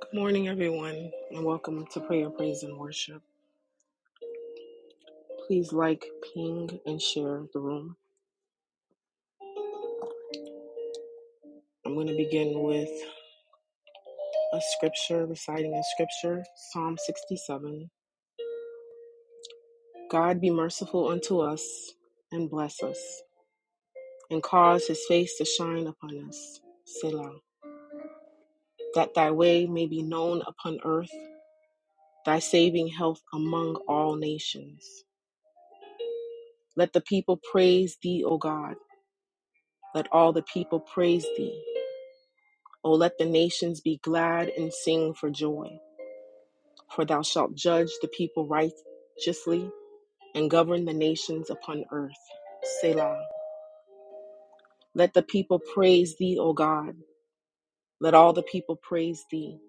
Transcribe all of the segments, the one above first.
Good morning, everyone, and welcome to Prayer, Praise, and Worship. Please like, ping, and share the room. I'm going to begin with a scripture, reciting a scripture, Psalm 67. God be merciful unto us and bless us, and cause his face to shine upon us, Selah, that thy way may be known upon earth, thy saving health among all nations. Let the people praise thee, O God. Let all the people praise thee. O let the nations be glad and sing for joy, for thou shalt judge the people righteously and govern the nations upon earth. Selah. Let the people praise thee, O God. Let all the people praise thee.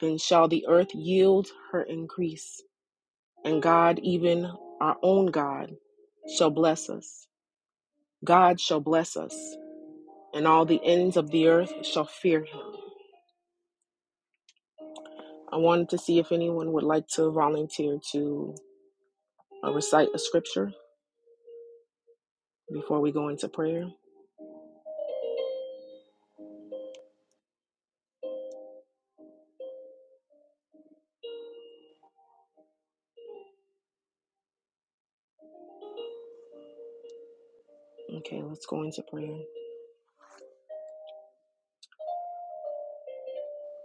Then shall the earth yield her increase, and God, even our own God, shall bless us. God shall bless us, and all the ends of the earth shall fear him. I wanted to see if anyone would like to volunteer to uh, recite a scripture. before we go into prayer? Okay, let's go into prayer.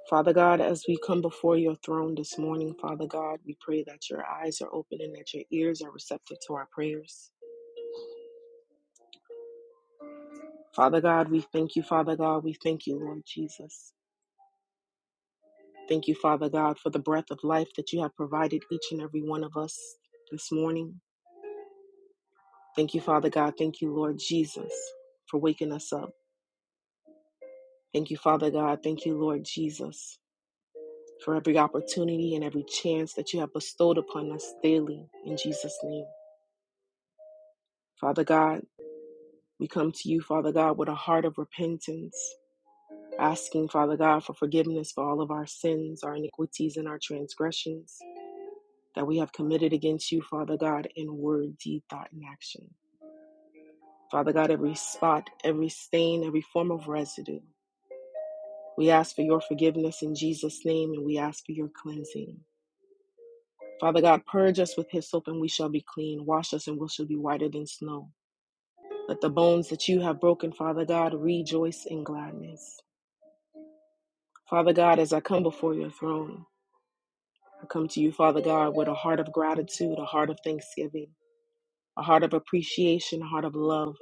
Father God, as we come before your throne this morning, Father God, we pray that your eyes are open and that your ears are receptive to our prayers. Father God, we thank you, Father God. We thank you, Lord Jesus. Thank you, Father God, for the breath of life that you have provided each and every one of us this morning. Thank you, Father God. Thank you, Lord Jesus, for waking us up. Thank you, Father God. Thank you, Lord Jesus, for every opportunity and every chance that you have bestowed upon us daily in Jesus' name. Father God, we come to you, Father God, with a heart of repentance, asking, Father God, for forgiveness for all of our sins, our iniquities, and our transgressions that we have committed against you, Father God, in word, deed, thought, and action. Father God, every spot, every stain, every form of residue. We ask for your forgiveness in Jesus' name and we ask for your cleansing. Father God, purge us with hyssop and we shall be clean. Wash us and we shall be whiter than snow. Let the bones that you have broken, Father God, rejoice in gladness. Father God, as I come before your throne, I come to you, Father God, with a heart of gratitude, a heart of thanksgiving, a heart of appreciation, a heart of love,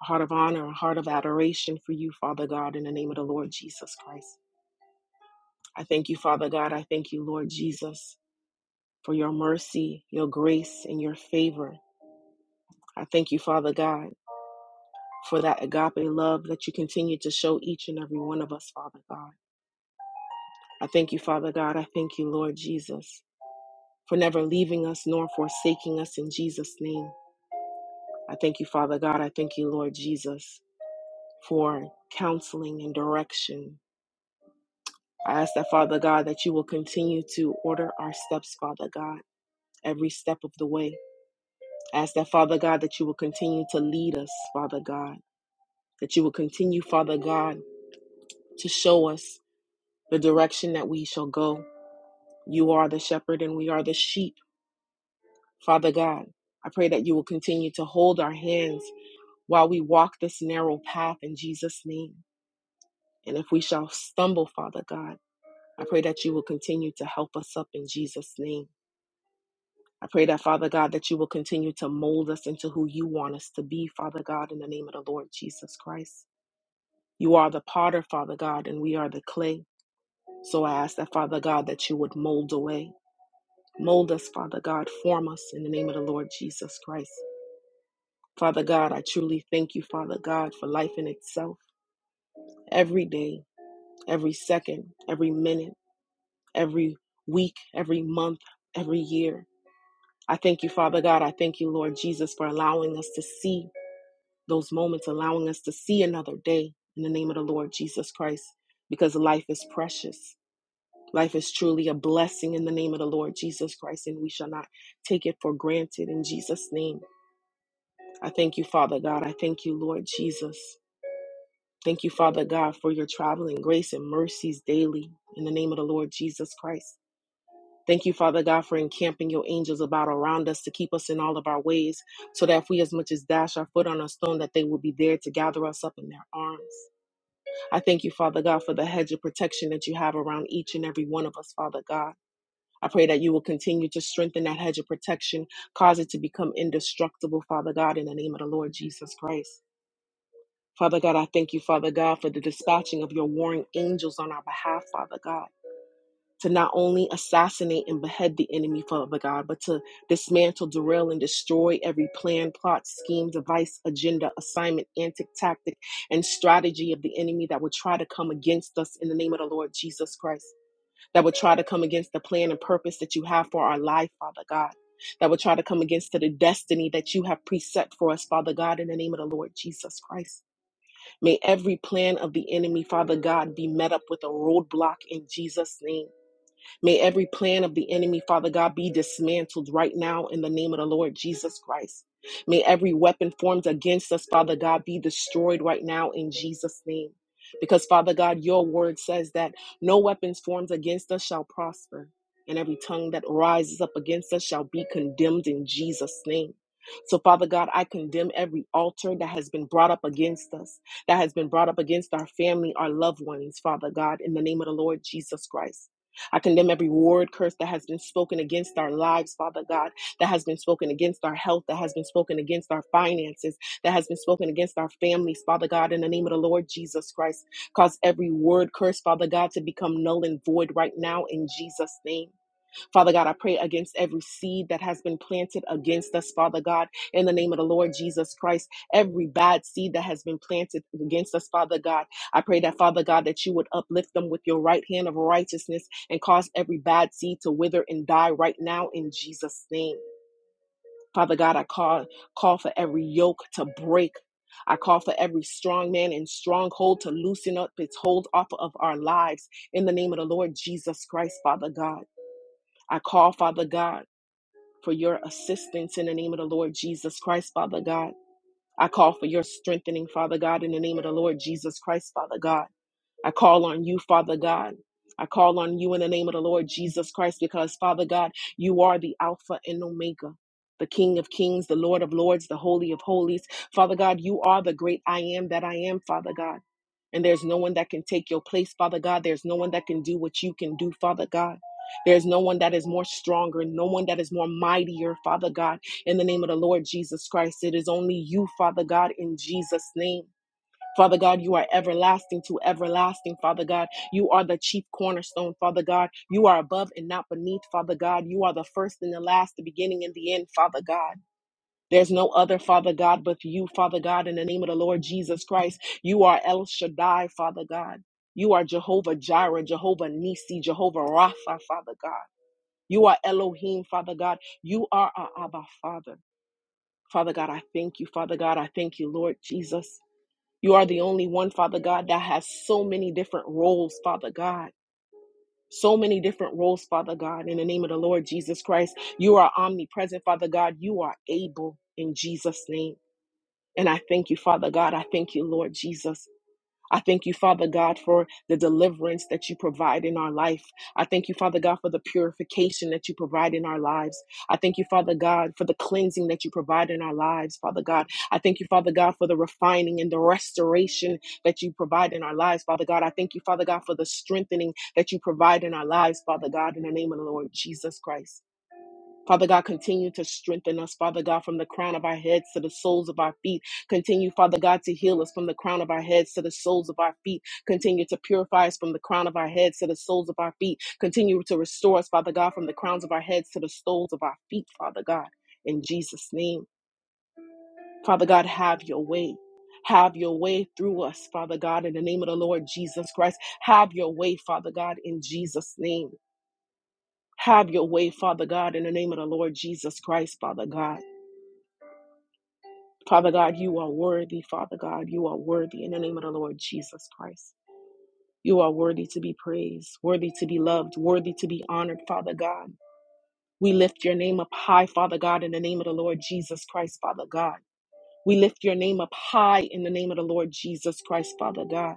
a heart of honor, a heart of adoration for you, Father God, in the name of the Lord Jesus Christ. I thank you, Father God. I thank you, Lord Jesus, for your mercy, your grace, and your favor. I thank you, Father God. for that agape love that you continue to show each and every one of us, Father God. I thank you, Father God. I thank you, Lord Jesus, for never leaving us nor forsaking us in Jesus' name. I thank you, Father God. I thank you, Lord Jesus, for counseling and direction. I ask that, Father God, that you will continue to order our steps, Father God, every step of the way. I ask that, Father God, that you will continue to lead us, Father God, that you will continue, Father God, to show us the direction that we shall go You are the shepherd and we are the sheep, Father God. I pray that you will continue to hold our hands while we walk this narrow path in Jesus' name. And if we shall stumble, Father God, I pray that you will continue to help us up in Jesus' name. I pray that, Father God, that you will continue to mold us into who you want us to be, Father God, in the name of the Lord Jesus Christ. You are the potter, Father God, and we are the clay. So I ask that, Father God, that you would mold away. Mold us, Father God. Form us in the name of the Lord Jesus Christ. Father God, I truly thank you, Father God, for life in itself. Every day, every second, every minute, every week, every month, every year. I thank you, Father God. I thank you, Lord Jesus, for allowing us to see those moments, allowing us to see another day in the name of the Lord Jesus Christ, because life is precious. Life is truly a blessing in the name of the Lord Jesus Christ, and we shall not take it for granted in Jesus' name. I thank you, Father God. I thank you, Lord Jesus. Thank you, Father God, for your traveling grace and mercies daily in the name of the Lord Jesus Christ. Thank you, Father God, for encamping your angels about around us to keep us in all of our ways, so that if we as much as dash our foot on a stone, that they will be there to gather us up in their arms. I thank you, Father God, for the hedge of protection that you have around each and every one of us, Father God. I pray that you will continue to strengthen that hedge of protection, cause it to become indestructible, Father God, in the name of the Lord Jesus Christ. Father God, I thank you, Father God, for the dispatching of your warring angels on our behalf, Father God, to not only assassinate and behead the enemy, Father God, but to dismantle, derail, and destroy every plan, plot, scheme, device, agenda, assignment, antic, tactic, and strategy of the enemy that would try to come against us in the name of the Lord Jesus Christ, that would try to come against the plan and purpose that you have for our life, Father God. That would try to come against the destiny that you have preset for us, Father God, in the name of the Lord Jesus Christ. May every plan of the enemy, Father God, be met up with a roadblock in Jesus' name. May every plan of the enemy, Father God, be dismantled right now in the name of the Lord Jesus Christ. May every weapon formed against us, Father God, be destroyed right now in Jesus' name. Because, Father God, your word says that no weapons formed against us shall prosper, and every tongue that rises up against us shall be condemned in Jesus' name. So, Father God, I condemn every altar that has been brought up against us, that has been brought up against our family, our loved ones, Father God, in the name of the Lord Jesus Christ. I condemn every word curse that has been spoken against our lives, Father God, that has been spoken against our health, that has been spoken against our finances, that has been spoken against our families, Father God, in the name of the Lord Jesus Christ. Cause every word curse, Father God, to become null and void right now in Jesus' name. Father God, I pray against every seed that has been planted against us, Father God, in the name of the Lord Jesus Christ. Every bad seed that has been planted against us, Father God, I pray that, Father God, that you would uplift them with your right hand of righteousness and cause every bad seed to wither and die right now in Jesus' name. Father God, I call, call for every yoke to break. I call for every strong man and stronghold to loosen up its hold off of our lives in the name of the Lord Jesus Christ, Father God. I call, Father God for your assistance in the name of the Lord Jesus Christ, Father God. I call for your strengthening, Father God, in the name of the Lord Jesus Christ, Father God. I call on you, Father God. I call on you in the name of the Lord Jesus Christ because, Father God, you are the Alpha and Omega, the King of Kings, the Lord of Lords, the Holy of Holies. Father God, you are the great I am that I am, Father God. And there's no one that can take your place, Father God. There's no one that can do what you can do, Father God. There's no one that is more stronger, no one that is more mightier, Father God. In the name of the Lord Jesus Christ, it is only you, Father God, in Jesus' name. Father God, you are everlasting to everlasting, Father God. You are the chief cornerstone, Father God. You are above and not beneath, Father God. You are the first and the last, the beginning and the end, Father God. There's no other, Father God, but you, Father God, in the name of the Lord Jesus Christ. You are El Shaddai, Father God. You are Jehovah Jireh, Jehovah Nisi, Jehovah Rapha, Father God. You are Elohim, Father God. You are our Abba, Father. Father God, I thank you, Father God. I thank you, Lord Jesus. You are the only one, Father God, that has so many different roles, Father God. So many different roles, Father God. In the name of the Lord Jesus Christ, you are omnipresent, Father God. You are able in Jesus' name. And I thank you, Father God. I thank you, Lord Jesus. I thank you, Father God, for the deliverance that you provide in our life. I thank you, Father God, for the purification that you provide in our lives. I thank you, Father God, for the cleansing that you provide in our lives, Father God. I thank you, Father God, for the refining and the restoration that you provide in our lives, Father God. I thank you, Father God, for the strengthening that you provide in our lives, Father God, in the name of the Lord Jesus Christ. Father God, continue to strengthen us, Father God, from the crown of our heads to the soles of our feet. Continue, Father God, to heal us from the crown of our heads to the soles of our feet. Continue to purify us from the crown of our heads to the soles of our feet. Continue to restore us, Father God, from the crowns of our heads to the soles of our feet, Father God, in Jesus' name. Father God, have your way. Have your way through us, Father God, in the name of the Lord Jesus Christ. Have your way, Father God, in Jesus' name. Have your way, Father God, in the name of the Lord Jesus Christ, Father God. Father God, you are worthy. Father God, you are worthy in the name of the Lord Jesus Christ. You are worthy to be praised, worthy to be loved, worthy to be honored, Father God. We lift your name up high, Father God, in the name of the Lord Jesus Christ, Father God. We lift your name up high in the name of the Lord Jesus Christ, Father God.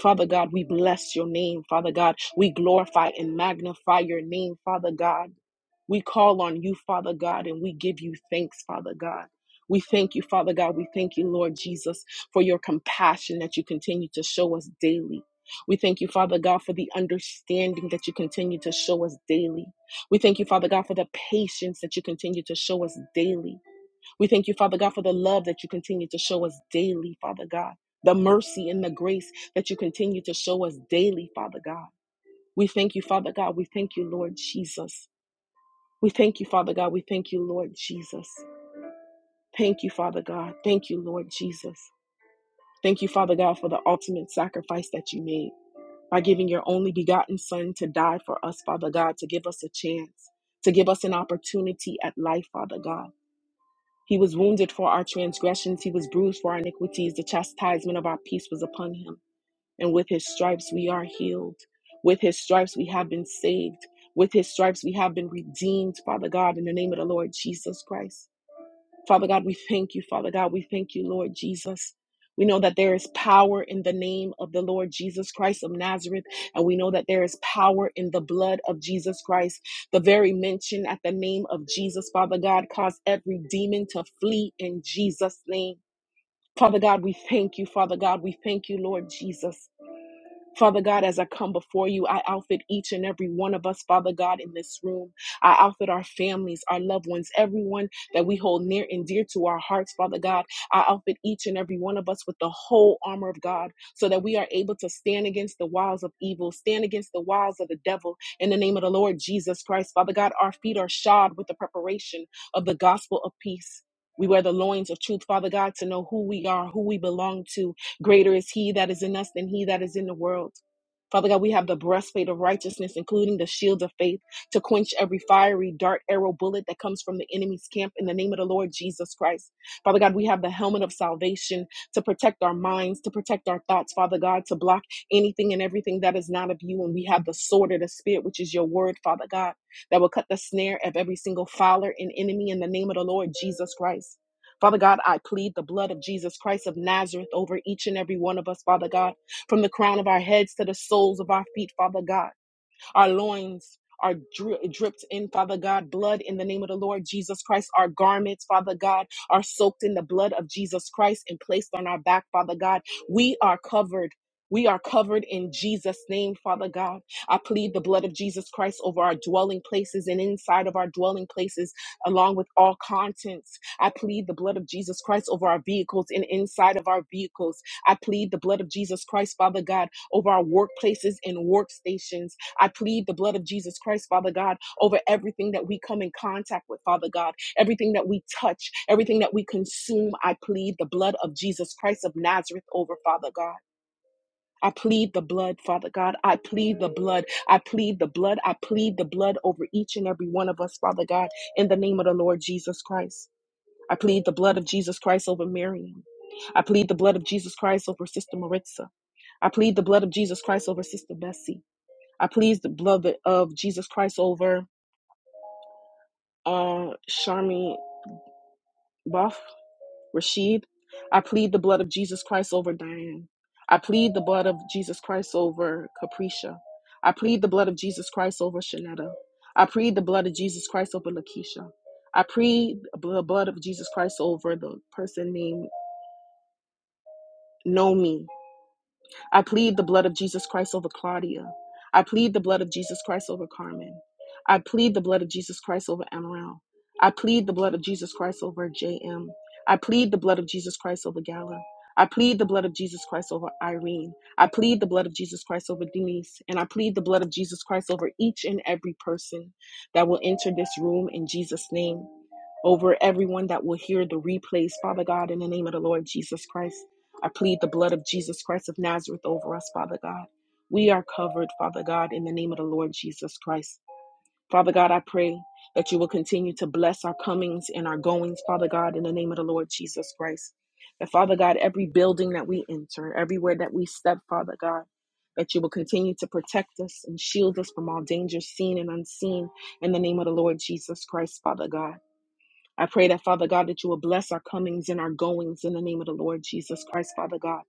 Father God, we bless your name, Father God. We glorify and magnify your name, Father God. We call on you, Father God, and we give you thanks, Father God. We thank you, Father God. We thank you, Lord Jesus, for your compassion that you continue to show us daily. We thank you, Father God, for the understanding that you continue to show us daily. We thank you, Father God, for the patience that you continue to show us daily. We thank you, Father God, for the love that you continue to show us daily, Father God, the mercy and the grace that you continue to show us daily, Father God. We thank you, Father God. We thank you, Lord Jesus. We thank you, Father God. We thank you, Lord Jesus. Thank you, Father God. Thank you, Lord Jesus. Thank you, Father God, for the ultimate sacrifice that you made by giving your only begotten Son to die for us, Father God, to give us a chance, to give us an opportunity at life, Father God. He was wounded for our transgressions, he was bruised for our iniquities. The chastisement of our peace was upon him, and with his stripes we are healed. With his stripes we have been saved. With his stripes we have been redeemed, Father God, in the name of the Lord Jesus Christ. Father God, we thank you, Father God. We thank you, Lord Jesus. We know that there is power in the name of the Lord Jesus Christ of Nazareth, and we know that there is power in the blood of Jesus Christ. The very mention at the name of Jesus, Father God, caused every demon to flee in Jesus' name. Father God, we thank you, Father God. We thank you, Lord Jesus. Father God, as I come before you, I outfit each and every one of us, Father God, in this room. I outfit our families, our loved ones, everyone that we hold near and dear to our hearts, Father God. I outfit each and every one of us with the whole armor of God so that we are able to stand against the wiles of evil, stand against the wiles of the devil in the name of the Lord Jesus Christ. Father God, our feet are shod with the preparation of the gospel of peace. We wear the loins of truth, Father God, to know who we are, who we belong to, Greater is he that is in us than he that is in the world. Father God, we have the breastplate of righteousness, including the shield of faith, to quench every fiery dart, arrow, bullet that comes from the enemy's camp in the name of the Lord Jesus Christ. Father God, we have the helmet of salvation to protect our minds, to protect our thoughts, Father God, to block anything and everything that is not of you. And we have the sword of the Spirit, which is your word, Father God, that will cut the snare of every single fowler and enemy in the name of the Lord Jesus Christ. Father God, I plead the blood of Jesus Christ of Nazareth over each and every one of us, Father God, from the crown of our heads to the soles of our feet, Father God. Our loins are dri- dripped in, Father God, blood in the name of the Lord Jesus Christ. Our garments, Father God, are soaked in the blood of Jesus Christ and placed on our back, Father God. We are covered. We are covered in Jesus' name, Father God. I plead the blood of Jesus Christ over our dwelling places and inside of our dwelling places, along with all contents. I plead the blood of Jesus Christ over our vehicles and inside of our vehicles. I plead the blood of Jesus Christ, Father God, over our workplaces and workstations. I plead the blood of Jesus Christ, Father God, over everything that we come in contact with, Father God, everything that we touch, everything that we consume. I plead the blood of Jesus Christ of Nazareth over, Father God. I plead the blood, Father God. I plead the blood. I plead the blood. I plead the blood over each and every one of us, Father God, in the name of the Lord Jesus Christ. I plead the blood of Jesus Christ over Miriam. I plead the blood of Jesus Christ over Sister Maritza. I plead the blood of Jesus Christ over Sister Bessie. I please the blood of Jesus Christ over uh, Sharmi Buff, Rashid. I plead the blood of Jesus Christ over Diane. I plead the blood of Jesus Christ over Capricia. I plead the blood of Jesus Christ over Shanetta. I plead the blood of Jesus Christ over Lakeisha. I plead the blood of Jesus Christ over the person named Nomi. I plead the blood of Jesus Christ over Claudia. I plead the blood of Jesus Christ over Carmen. I plead the blood of Jesus Christ over Amaral. I plead the blood of Jesus Christ over JM. I plead the blood of Jesus Christ over Gala. I plead the blood of Jesus Christ over Irene. I plead the blood of Jesus Christ over Denise. And I plead the blood of Jesus Christ over each and every person that will enter this room in Jesus' name over everyone that will hear the replays, Father God, in the name of the Lord Jesus Christ. I plead the blood of Jesus Christ of Nazareth over us, Father God. We are covered, Father God, in the name of the Lord Jesus Christ. Father God, I pray that you will continue to bless our comings and our goings, Father God, in the name of the Lord Jesus Christ. That, Father God, every building that we enter, everywhere that we step, Father God, that you will continue to protect us and shield us from all dangers seen and unseen in the name of the Lord Jesus Christ, Father God. I pray that, Father God, that you will bless our comings and our goings in the name of the Lord Jesus Christ, Father God.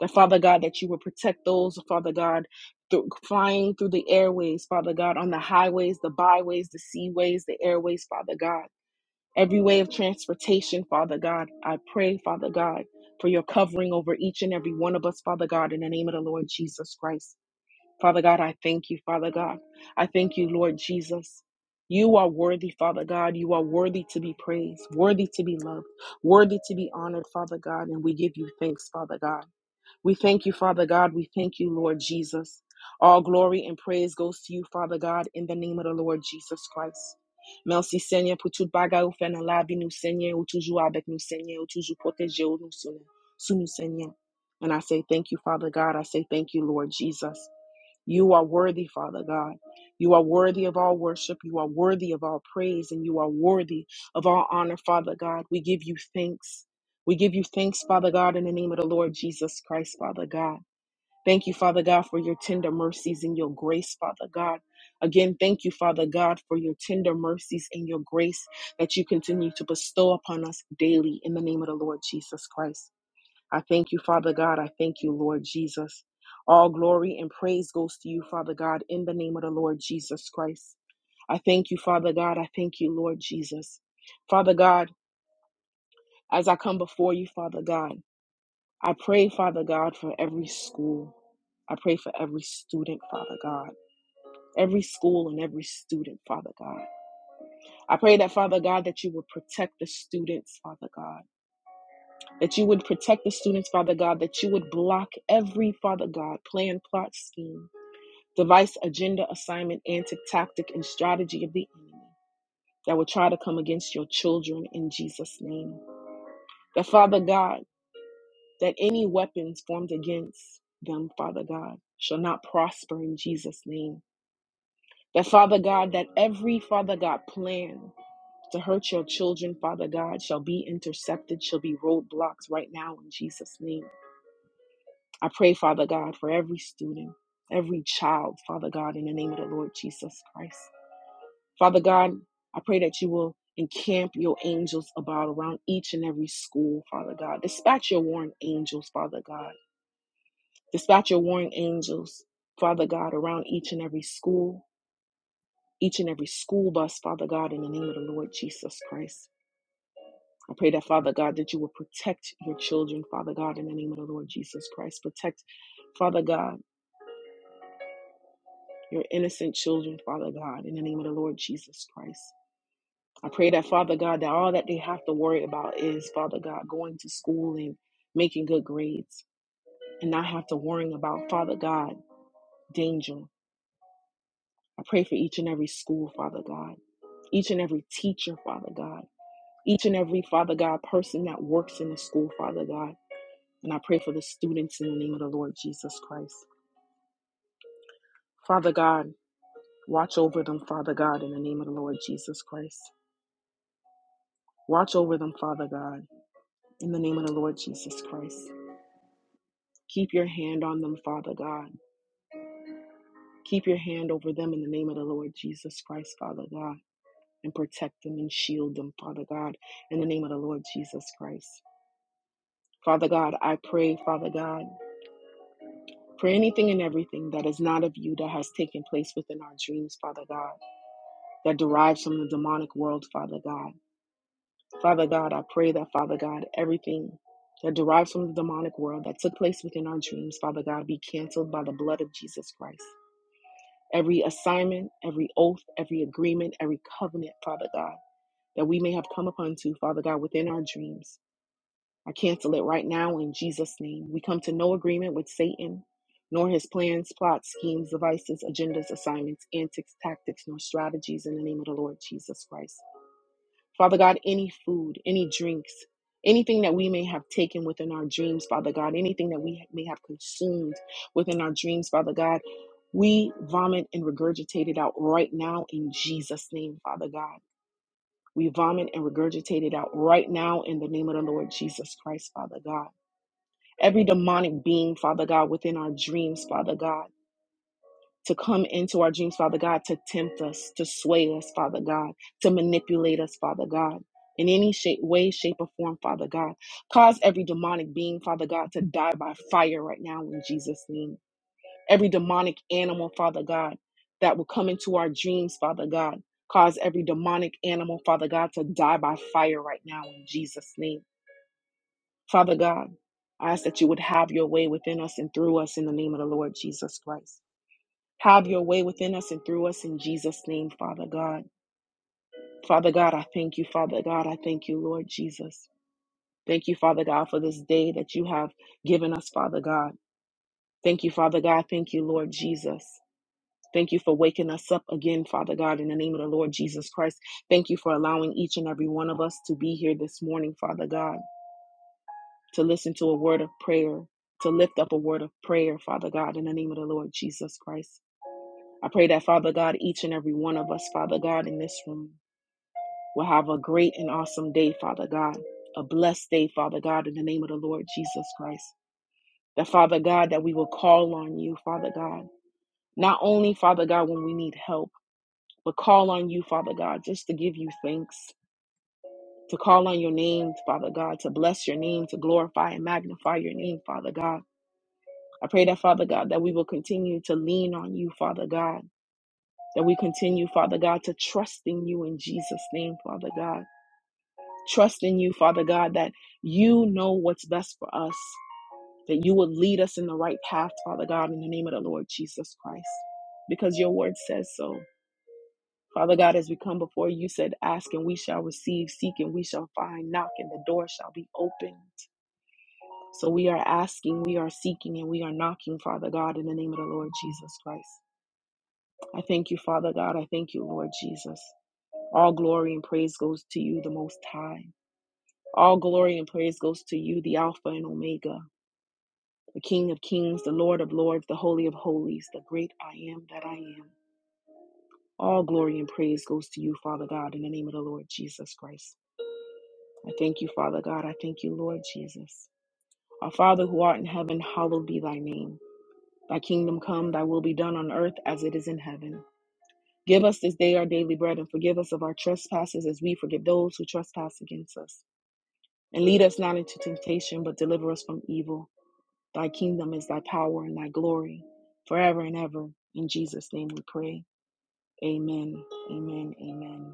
That, Father God, that you will protect those, Father God, through, flying through the airways, Father God, on the highways, the byways, the seaways, the airways, Father God. Every way of transportation, Father God, I pray, Father God, for your covering over each and every one of us, Father God, in the name of the Lord Jesus Christ. Father God, I thank you, Father God. I thank you, Lord Jesus. You are worthy, Father God. You are worthy to be praised, worthy to be loved, worthy to be honored, Father God. And we give you thanks, Father God. We thank you, Father God. We thank you, Lord Jesus. All glory and praise goes to you, Father God, in the name of the Lord Jesus Christ. Merci Seigneur pour tout bagay ou fait dans la vie nous Seigneur ou toujours avec nous Seigneur ou toujours protéger ou nous Seigneur. Sous nous Seigneur. And I say thank you Father God. I say thank you Lord Jesus. You are worthy, Father God. You are worthy of all worship. You are worthy of all praise, and you are worthy of all honor, Father God. We give you thanks. We give you thanks, Father God, in the name of the Lord Jesus Christ, Father God. Thank you, Father God, for your tender mercies and your grace, Father God. Again, thank you, Father God, for your tender mercies and your grace that you continue to bestow upon us daily in the name of the Lord Jesus Christ. I thank you, Father God. I thank you, Lord Jesus. All glory and praise goes to you, Father God, in the name of the Lord Jesus Christ. I thank you, Father God. I thank you, Lord Jesus. Father God, as I come before you, Father God, I pray, Father God, for every school. I pray for every student, Father God. Every school and every student, Father God. I pray that, Father God, that you would protect the students, Father God that you would protect the students, Father God, that you would block every, Father God, plan, plot, scheme. device, agenda, assignment, antic, tactic, and strategy of the enemy that will try to come against your children in Jesus' name. That, Father God, that any weapons formed against them, Father God, shall not prosper in Jesus' name. That, Father God, that every, Father God, plan to hurt your children, Father God, shall be intercepted, shall be roadblocks right now in Jesus' name. I pray, Father God, for every student, every child, Father God, in the name of the Lord Jesus Christ. Father God, I pray that you will encamp your angels about around each and every school, Father God. Dispatch your warring angels, Father God. Dispatch your warring angels, Father God, around each and every school, each and every school bus, Father God, in the name of the Lord Jesus Christ. I pray that, Father God, that you will protect your children, Father God, in the name of the Lord Jesus Christ. Protect, Father God, your innocent children, Father God, in the name of the Lord Jesus Christ. I pray that, Father God, that all that they have to worry about is, Father God, going to school and making good grades and not have to worry about, Father God, danger. I pray for each and every school, Father God, each and every teacher, Father God, each and every, Father God, person that works in the school, Father God. And I pray for the students in the name of the Lord Jesus Christ. Father God, watch over them, Father God, in the name of the Lord Jesus Christ. Watch over them, Father God, in the name of the Lord Jesus Christ. Keep your hand on them, Father God. Keep your hand over them in the name of the Lord Jesus Christ, Father God, and protect them and shield them, Father God, in the name of the Lord Jesus Christ. Father God, I pray, Father God, for anything and everything that is not of you that has taken place within our dreams, Father God, that derives from the demonic world, Father God. Father God, I pray that, Father God, everything that derives from the demonic world that took place within our dreams, Father God, be canceled by the blood of Jesus Christ. every assignment, every oath, every agreement, every covenant, Father God, that we may have come upon to, Father God, within our dreams. I cancel it right now in Jesus' name. We come to no agreement with Satan, nor his plans, plots, schemes, devices, agendas, assignments, antics, tactics, nor strategies in the name of the Lord Jesus Christ. Father God, any food, any drinks, anything that we may have taken within our dreams, Father God, anything that we may have consumed within our dreams, Father God, we vomit and regurgitate it out right now in Jesus' name, Father God. We vomit and regurgitate it out right now in the name of the Lord Jesus Christ, Father God. Every demonic being, Father God, within our dreams, Father God to come into our dreams, Father God, to tempt us, to sway us, Father God, to manipulate us, Father God, in any shape, way, shape, or form, Father God. Cause every demonic being, Father God, to die by fire right now in Jesus' name. Every demonic animal, Father God, that will come into our dreams, Father God. Cause every demonic animal, Father God, to die by fire right now in Jesus' name. Father God, I ask that you would have your way within us and through us in the name of the Lord Jesus Christ. Have your way within us and through us in Jesus' name, Father God. Father God, I thank you. Father God, I thank you, Lord Jesus. Thank you, Father God, for this day that you have given us, Father God. Thank you, Father God. Thank you, Lord Jesus. Thank you for waking us up again, Father God, in the name of the Lord Jesus Christ. Thank you for allowing each and every one of us to be here this morning, Father God, to listen to a word of prayer, to lift up a word of prayer, Father God, in the name of the Lord Jesus Christ. I pray that, Father God, each and every one of us, Father God, in this room will have a great and awesome day, Father God, a blessed day, Father God, in the name of the Lord Jesus Christ. That, Father God, that we will call on you, Father God, not only, Father God, when we need help, but call on you, Father God, just to give you thanks, to call on your name, Father God, to bless your name, to glorify and magnify your name, Father God. I pray that, Father God, that we will continue to lean on you, Father God that we continue, Father God, to trust in you in Jesus' name, Father God. Trust in you, Father God, that you know what's best for us, that you will lead us in the right path, Father God, in the name of the Lord Jesus Christ, because your word says so. Father God, as we come before you, you said, Ask and we shall receive, seek and we shall find, knock and the door shall be opened. So we are asking, we are seeking, and we are knocking, Father God, in the name of the Lord Jesus Christ. I thank you, Father God. I thank you, Lord Jesus. All glory and praise goes to you, the Most High. All glory and praise goes to you, the Alpha and Omega, the King of Kings, the Lord of Lords, the Holy of Holies, the great I am that I am. All glory and praise goes to you, Father God, in the name of the Lord Jesus Christ. I thank you, Father God. I thank you, Lord Jesus. Our Father who art in heaven, hallowed be thy name. Thy kingdom come, thy will be done on earth as it is in heaven. Give us this day our daily bread and forgive us of our trespasses as we forgive those who trespass against us And lead us not into temptation, but deliver us from evil. Thy kingdom is thy power and thy glory forever and ever. In Jesus' name we pray. Amen. Amen. Amen.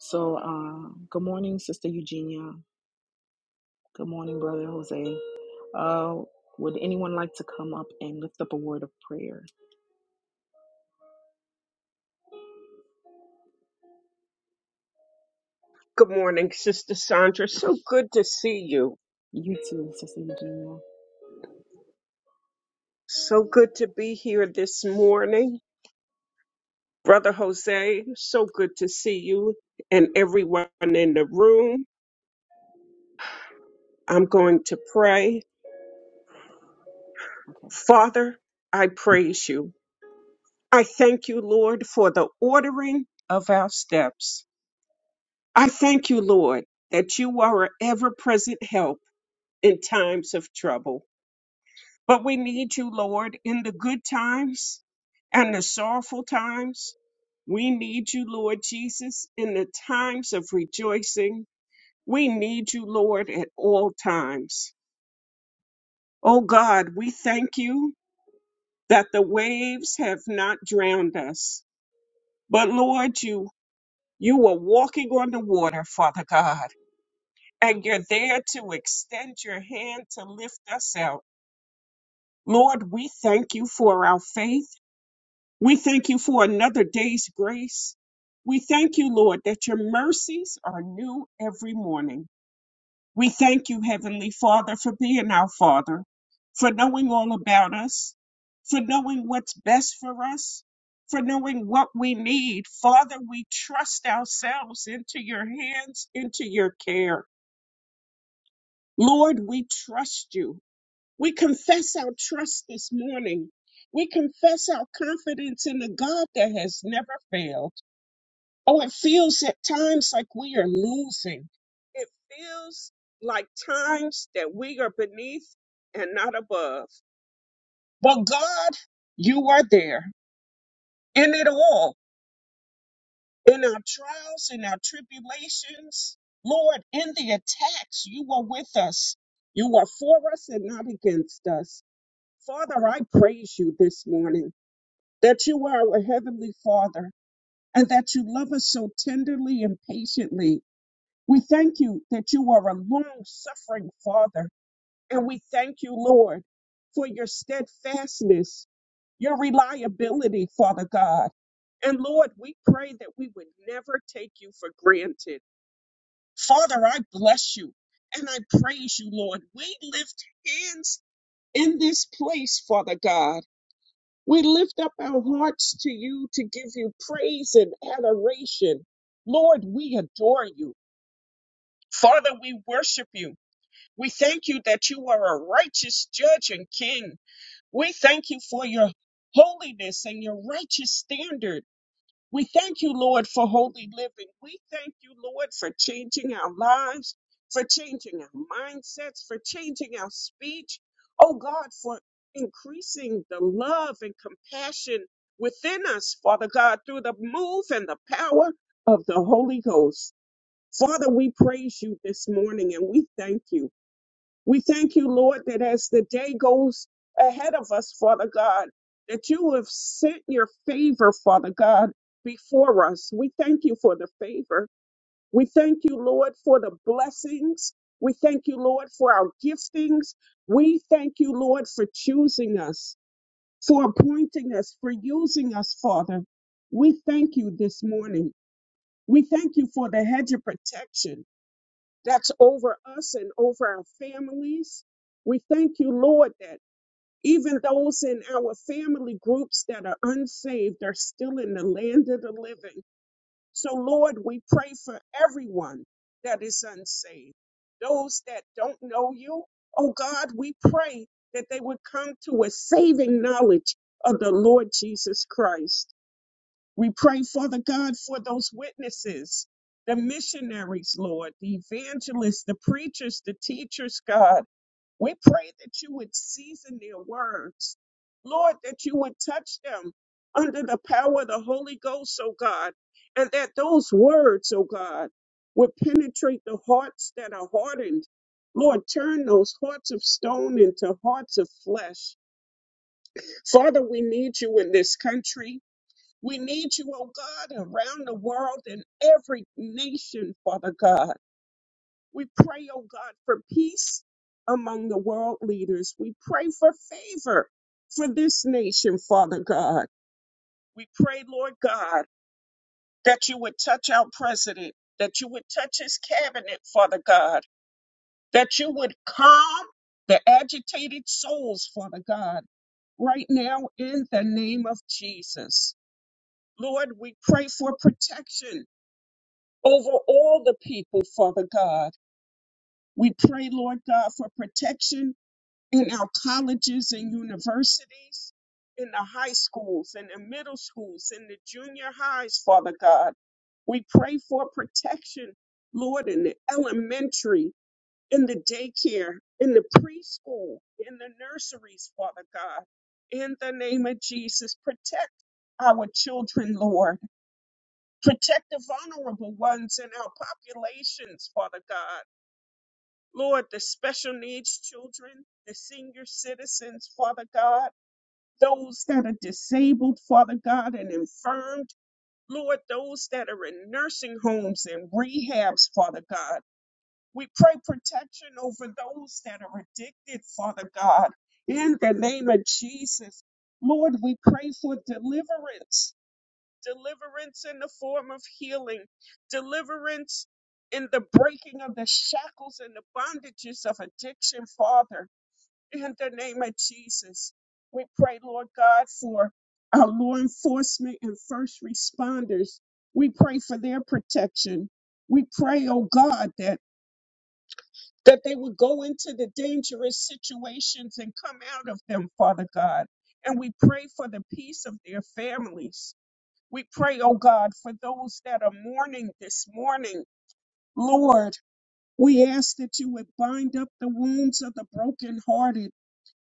So, uh, good morning, Sister Eugenia. Good morning, Brother Jose. Uh, would anyone like to come up and lift up a word of prayer? Good morning, Sister Sandra. So good to see you. You too, Sister Eugenia. So good to be here this morning. Brother Jose, so good to see you and everyone in the room. I'm going to pray. Okay. Father, I praise you. I thank you, Lord, for the ordering of our steps. I thank you, Lord, that you are an ever present help in times of trouble. But we need you, Lord, in the good times and the sorrowful times. We need you, Lord Jesus, in the times of rejoicing. We need you, Lord, at all times. Oh God, we thank you that the waves have not drowned us. But Lord, you you are walking on the water, Father God, and you're there to extend your hand to lift us out. Lord, we thank you for our faith. We thank you for another day's grace. We thank you, Lord, that your mercies are new every morning. We thank you, Heavenly Father, for being our Father, for knowing all about us, for knowing what's best for us, for knowing what we need. Father, we trust ourselves into your hands, into your care. Lord, we trust you. We confess our trust this morning. We confess our confidence in the God that has never failed. Oh, it feels at times like we are losing. It feels like times that we are beneath and not above. But God, you are there in it all, in our trials, in our tribulations. Lord, in the attacks, you are with us. You are for us and not against us. Father, I praise you this morning that you are our Heavenly Father and that you love us so tenderly and patiently We thank you that you are a long suffering Father. And we thank you, Lord, for your steadfastness, your reliability, Father God. And Lord, we pray that we would never take you for granted. Father, I bless you and I praise you, Lord. We lift hands in this place, Father God. We lift up our hearts to you to give you praise and adoration. Lord, we adore you. Father, we worship you. We thank you that you are a righteous judge and king. We thank you for your holiness and your righteous standard. We thank you, Lord, for holy living. We thank you, Lord, for changing our lives, for changing our mindsets, for changing our speech. Oh God, for increasing the love and compassion within us, Father God, through the move and the power of the Holy Ghost. Father, we praise you this morning and we thank you. We thank you, Lord, that as the day goes ahead of us, Father God, that you have sent your favor, Father God, before us. We thank you for the favor. We thank you, Lord, for the blessings. We thank you, Lord, for our giftings. We thank you, Lord, for choosing us, for appointing us, for using us, Father. We thank you this morning. We thank you for the hedge of protection that's over us and over our families. We thank you, Lord, that even those in our family groups that are unsaved are still in the land of the living. So, Lord, we pray for everyone that is unsaved. Those that don't know you, oh God, we pray that they would come to a saving knowledge of the Lord Jesus Christ. We pray, Father God, for those witnesses, the missionaries, Lord, the evangelists, the preachers, the teachers, God. We pray that you would season their words. Lord, that you would touch them under the power of the Holy Ghost, oh God, and that those words, oh God, would penetrate the hearts that are hardened. Lord, turn those hearts of stone into hearts of flesh. Father, we need you in this country. We need you, oh God, around the world in every nation, Father God. We pray, oh God, for peace among the world leaders. We pray for favor for this nation, Father God. We pray, Lord God, that you would touch our president, that you would touch his cabinet, Father God, that you would calm the agitated souls, Father God, right now in the name of Jesus. Lord, we pray for protection over all the people, Father God. We pray, Lord God, for protection in our colleges and universities, in the high schools, in the middle schools, in the junior highs, Father God. We pray for protection, Lord, in the elementary, in the daycare, in the preschool, in the nurseries, Father God. In the name of Jesus, protect our children, Lord Protect the vulnerable ones in our populations, Father God. Lord, the special needs children, the senior citizens, Father God, those that are disabled, Father God, and infirmed. Lord, those that are in nursing homes and rehabs, Father God. We pray protection over those that are addicted, Father God. In the name of Jesus, Lord, we pray for deliverance deliverance in the form of healing, deliverance in the breaking of the shackles and the bondages of addiction, Father, in the name of Jesus. We pray, Lord God, for our law enforcement and first responders. We pray for their protection. We pray, oh God, that, that they would go into the dangerous situations and come out of them, Father God. And we pray for the peace of their families. We pray, oh God, for those that are mourning this morning. Lord, we ask that you would bind up the wounds of the brokenhearted.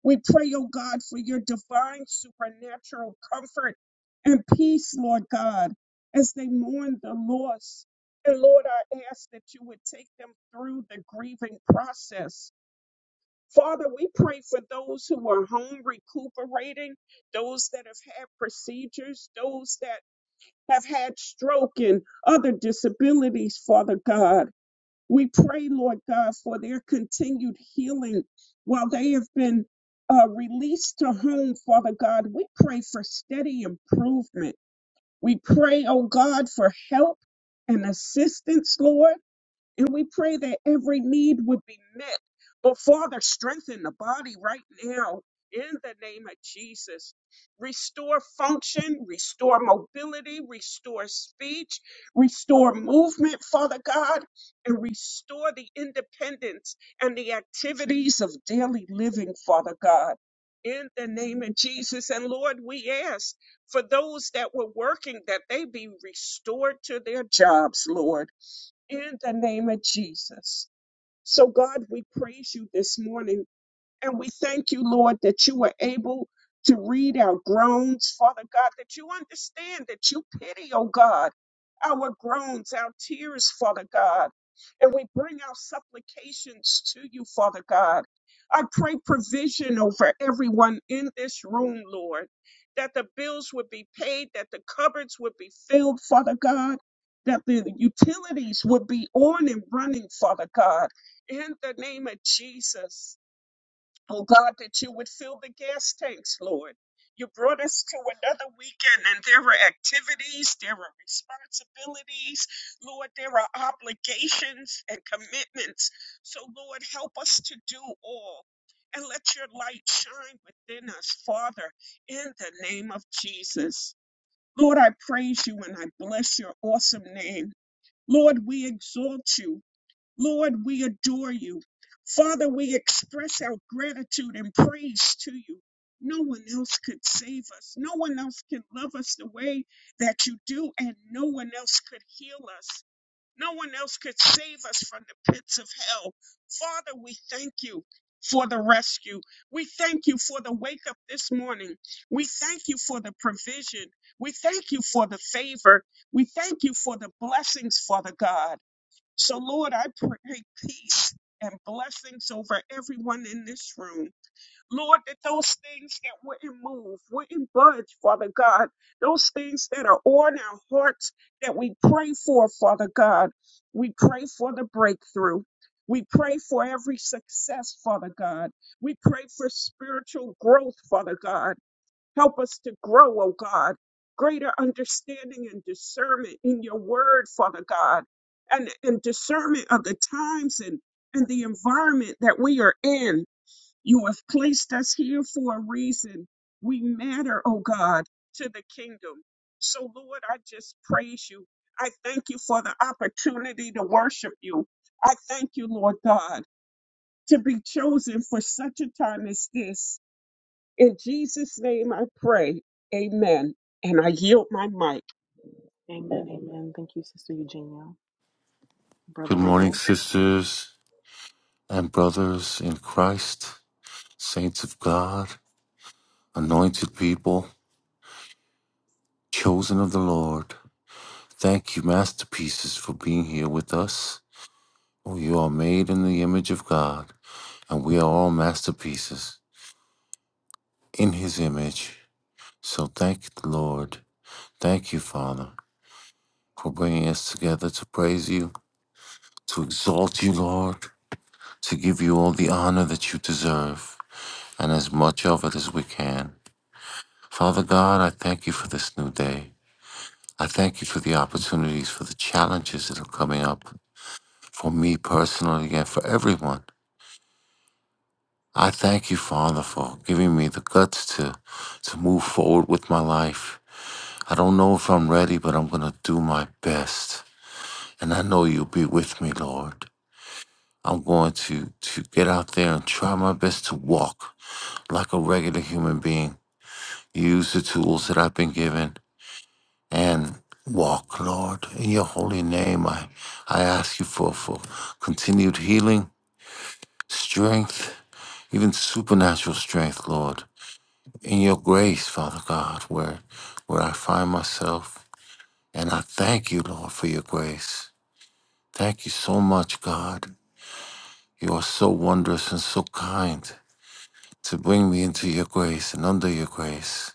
We pray, oh God, for your divine supernatural comfort and peace, Lord God, as they mourn the loss. And Lord, I ask that you would take them through the grieving process. Father, we pray for those who are home recuperating, those that have had procedures, those that have had stroke and other disabilities, Father God. We pray, Lord God, for their continued healing while they have been uh, released to home, Father God. We pray for steady improvement. We pray, oh God, for help and assistance, Lord. And we pray that every need would be met. But Father, strengthen the body right now in the name of Jesus. Restore function, restore mobility, restore speech, restore movement, Father God, and restore the independence and the activities of daily living, Father God. In the name of Jesus. And Lord, we ask for those that were working that they be restored to their jobs, Lord in the name of Jesus. So, God, we praise you this morning. And we thank you, Lord, that you were able to read our groans, Father God, that you understand, that you pity, oh God, our groans, our tears, Father God. And we bring our supplications to you, Father God. I pray provision over everyone in this room, Lord, that the bills would be paid, that the cupboards would be filled, Father God, that the utilities would be on and running, Father God, in the name of Jesus. Oh God, that you would fill the gas tanks, Lord. You brought us to another weekend, and there are activities, there are responsibilities, Lord, there are obligations and commitments. So, Lord, help us to do all. And let your light shine within us, Father, in the name of Jesus. Lord, I praise you and I bless your awesome name. Lord, we exalt you. Lord, we adore you. Father, we express our gratitude and praise to you. No one else could save us. No one else can love us the way that you do, and no one else could heal us. No one else could save us from the pits of hell. Father, we thank you for the rescue. We thank you for the wake up this morning. We thank you for the provision. We thank you for the favor. We thank you for the blessings, Father God. So, Lord, I pray peace and blessings over everyone in this room. Lord, that those things that wouldn't move, wouldn't budge, Father God, those things that are on our hearts that we pray for, Father God, we pray for the breakthrough. We pray for every success, Father God. We pray for spiritual growth, Father God. Help us to grow, oh God. Greater understanding and discernment in your word, Father God, and, and discernment of the times and, and the environment that we are in. You have placed us here for a reason. We matter, oh God, to the kingdom. So, Lord, I just praise you. I thank you for the opportunity to worship you. I thank you, Lord God, to be chosen for such a time as this. In Jesus' name I pray. Amen. And I yield my mic. Amen. Amen. Thank you, Sister Eugenia. Brother Good Jose. morning, sisters and brothers in Christ, saints of God, anointed people, chosen of the Lord. Thank you, masterpieces, for being here with us. Oh, you are made in the image of God, and we are all masterpieces in His image. So thank the Lord. Thank you, Father, for bringing us together to praise you, to exalt you, Lord, to give you all the honor that you deserve, and as much of it as we can. Father God, I thank you for this new day. I thank you for the opportunities, for the challenges that are coming up for me personally and for everyone. I thank you, Father, for giving me the guts to, to move forward with my life. I don't know if I'm ready, but I'm going to do my best. And I know you'll be with me, Lord. I'm going to, to get out there and try my best to walk like a regular human being, use the tools that I've been given, and walk, Lord. In your holy name, I, I ask you for, for continued healing, strength, even supernatural strength, Lord. In your grace, Father God, where where I find myself. And I thank you, Lord, for your grace. Thank you so much, God. You are so wondrous and so kind to bring me into your grace and under your grace.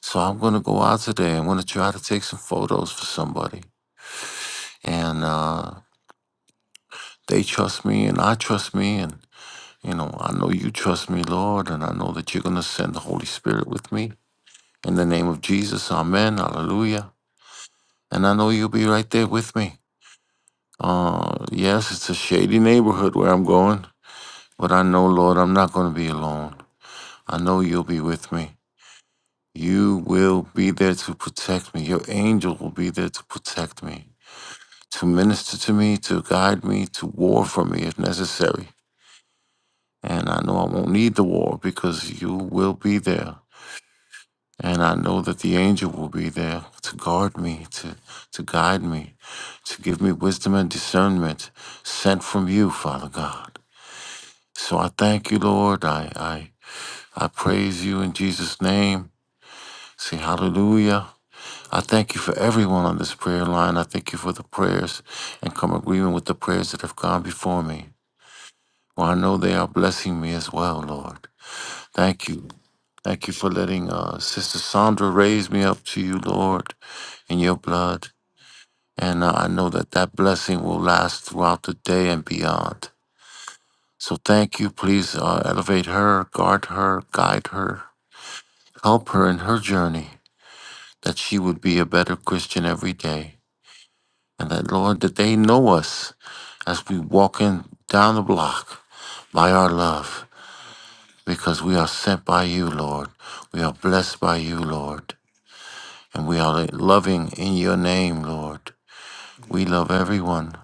So I'm going to go out today. I'm going to try to take some photos for somebody. And uh, They trust me and I trust me. And, you know, I know you trust me, Lord. And I know that you're going to send the Holy Spirit with me. In the name of Jesus, amen, hallelujah. And I know you'll be right there with me. Uh, yes, it's a shady neighborhood where I'm going, but I know, Lord, I'm not going to be alone. I know you'll be with me. You will be there to protect me. Your angel will be there to protect me, to minister to me, to guide me, to war for me if necessary. And I know I won't need the war because you will be there. And I know that the angel will be there to guard me, to, to guide me, to give me wisdom and discernment sent from you, Father God. So I thank you, Lord. I, I, I praise you in Jesus' name. Say hallelujah. I thank you for everyone on this prayer line. I thank you for the prayers and come agreement with the prayers that have gone before me. Well, I know they are blessing me as well, Lord. Thank you. Thank you for letting uh, Sister Sandra raise me up to you, Lord, in your blood. And uh, I know that that blessing will last throughout the day and beyond. So thank you. Please uh, elevate her, guard her, guide her, help her in her journey, that she would be a better Christian every day. And that, Lord, that they know us as we walk in down the block by our love, because we are sent by you, Lord. We are blessed by you, Lord. And we are loving in your name, Lord. We love everyone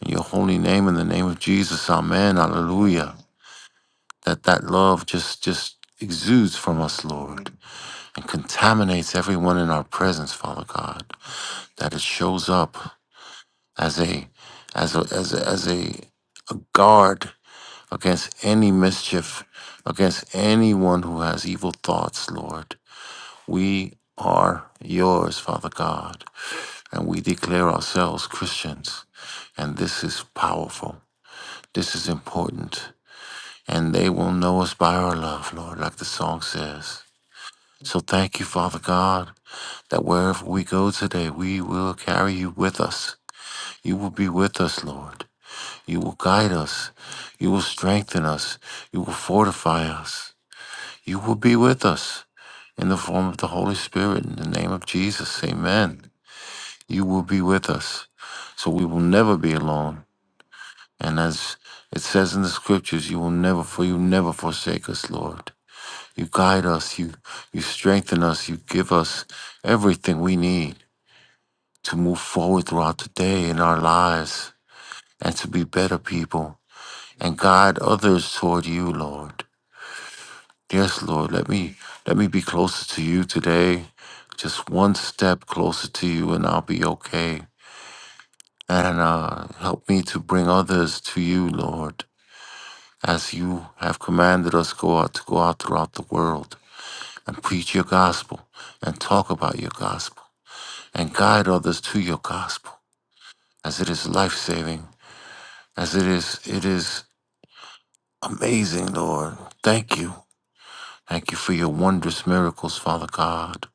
in your holy name, in the name of Jesus. Amen. Hallelujah. That that love just just exudes from us, Lord, and contaminates everyone in our presence, Father God. That it shows up as a as a as a, as a, a guard against any mischief, against anyone who has evil thoughts, Lord. We are yours, Father God. and we declare ourselves Christians. And this is powerful. This is important. And they will know us by our love, Lord, like the song says. So thank you, Father God, that wherever we go today, we will carry you with us. You will be with us, Lord. You will guide us. You will strengthen us. You will fortify us. You will be with us in the form of the Holy Spirit. In the name of Jesus, amen. You will be with us. So we will never be alone. And as it says in the scriptures, you will never for you never forsake us, Lord. You guide us, you you strengthen us, you give us everything we need to move forward throughout the day in our lives and to be better people and guide others toward you, Lord. Yes, Lord, let me let me be closer to you today. Just one step closer to you and I'll be okay. And uh, help me to bring others to you, Lord as you have commanded us go out to go out throughout the world and preach your gospel and talk about your gospel and guide others to your gospel as it is life-saving as it is it is amazing lord thank you thank you for your wondrous miracles father god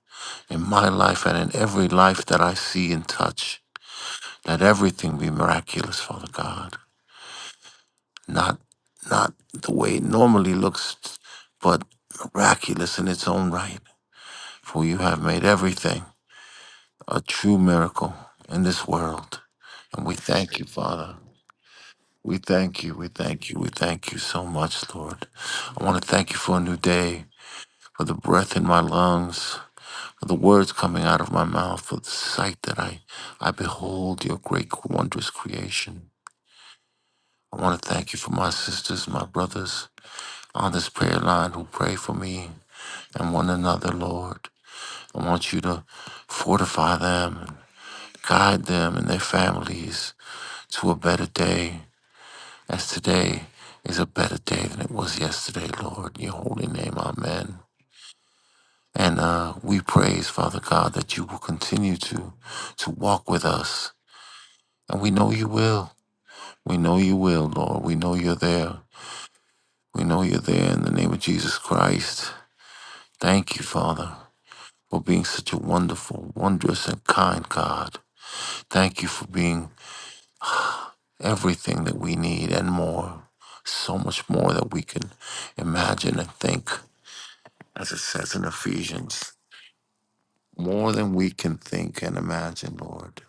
in my life and in every life that i see and touch let everything be miraculous father god not not the way it normally looks but miraculous in its own right for you have made everything a true miracle in this world. And we thank you, Father. We thank you. We thank you. We thank you so much, Lord. I want to thank you for a new day, for the breath in my lungs, for the words coming out of my mouth, for the sight that I, I behold your great, wondrous creation. I want to thank you for my sisters, my brothers on this prayer line who pray for me and one another, Lord. I want you to fortify them guide them and their families to a better day, as today is a better day than it was yesterday, Lord. In your holy name, amen. And uh, we praise, Father God, that you will continue to, to walk with us. And we know you will. We know you will, Lord. We know you're there. We know you're there in the name of Jesus Christ. Thank you, Father, for being such a wonderful, wondrous, and kind God. Thank you for being everything that we need and more, so much more that we can imagine and think, as it says in Ephesians, more than we can think and imagine, Lord.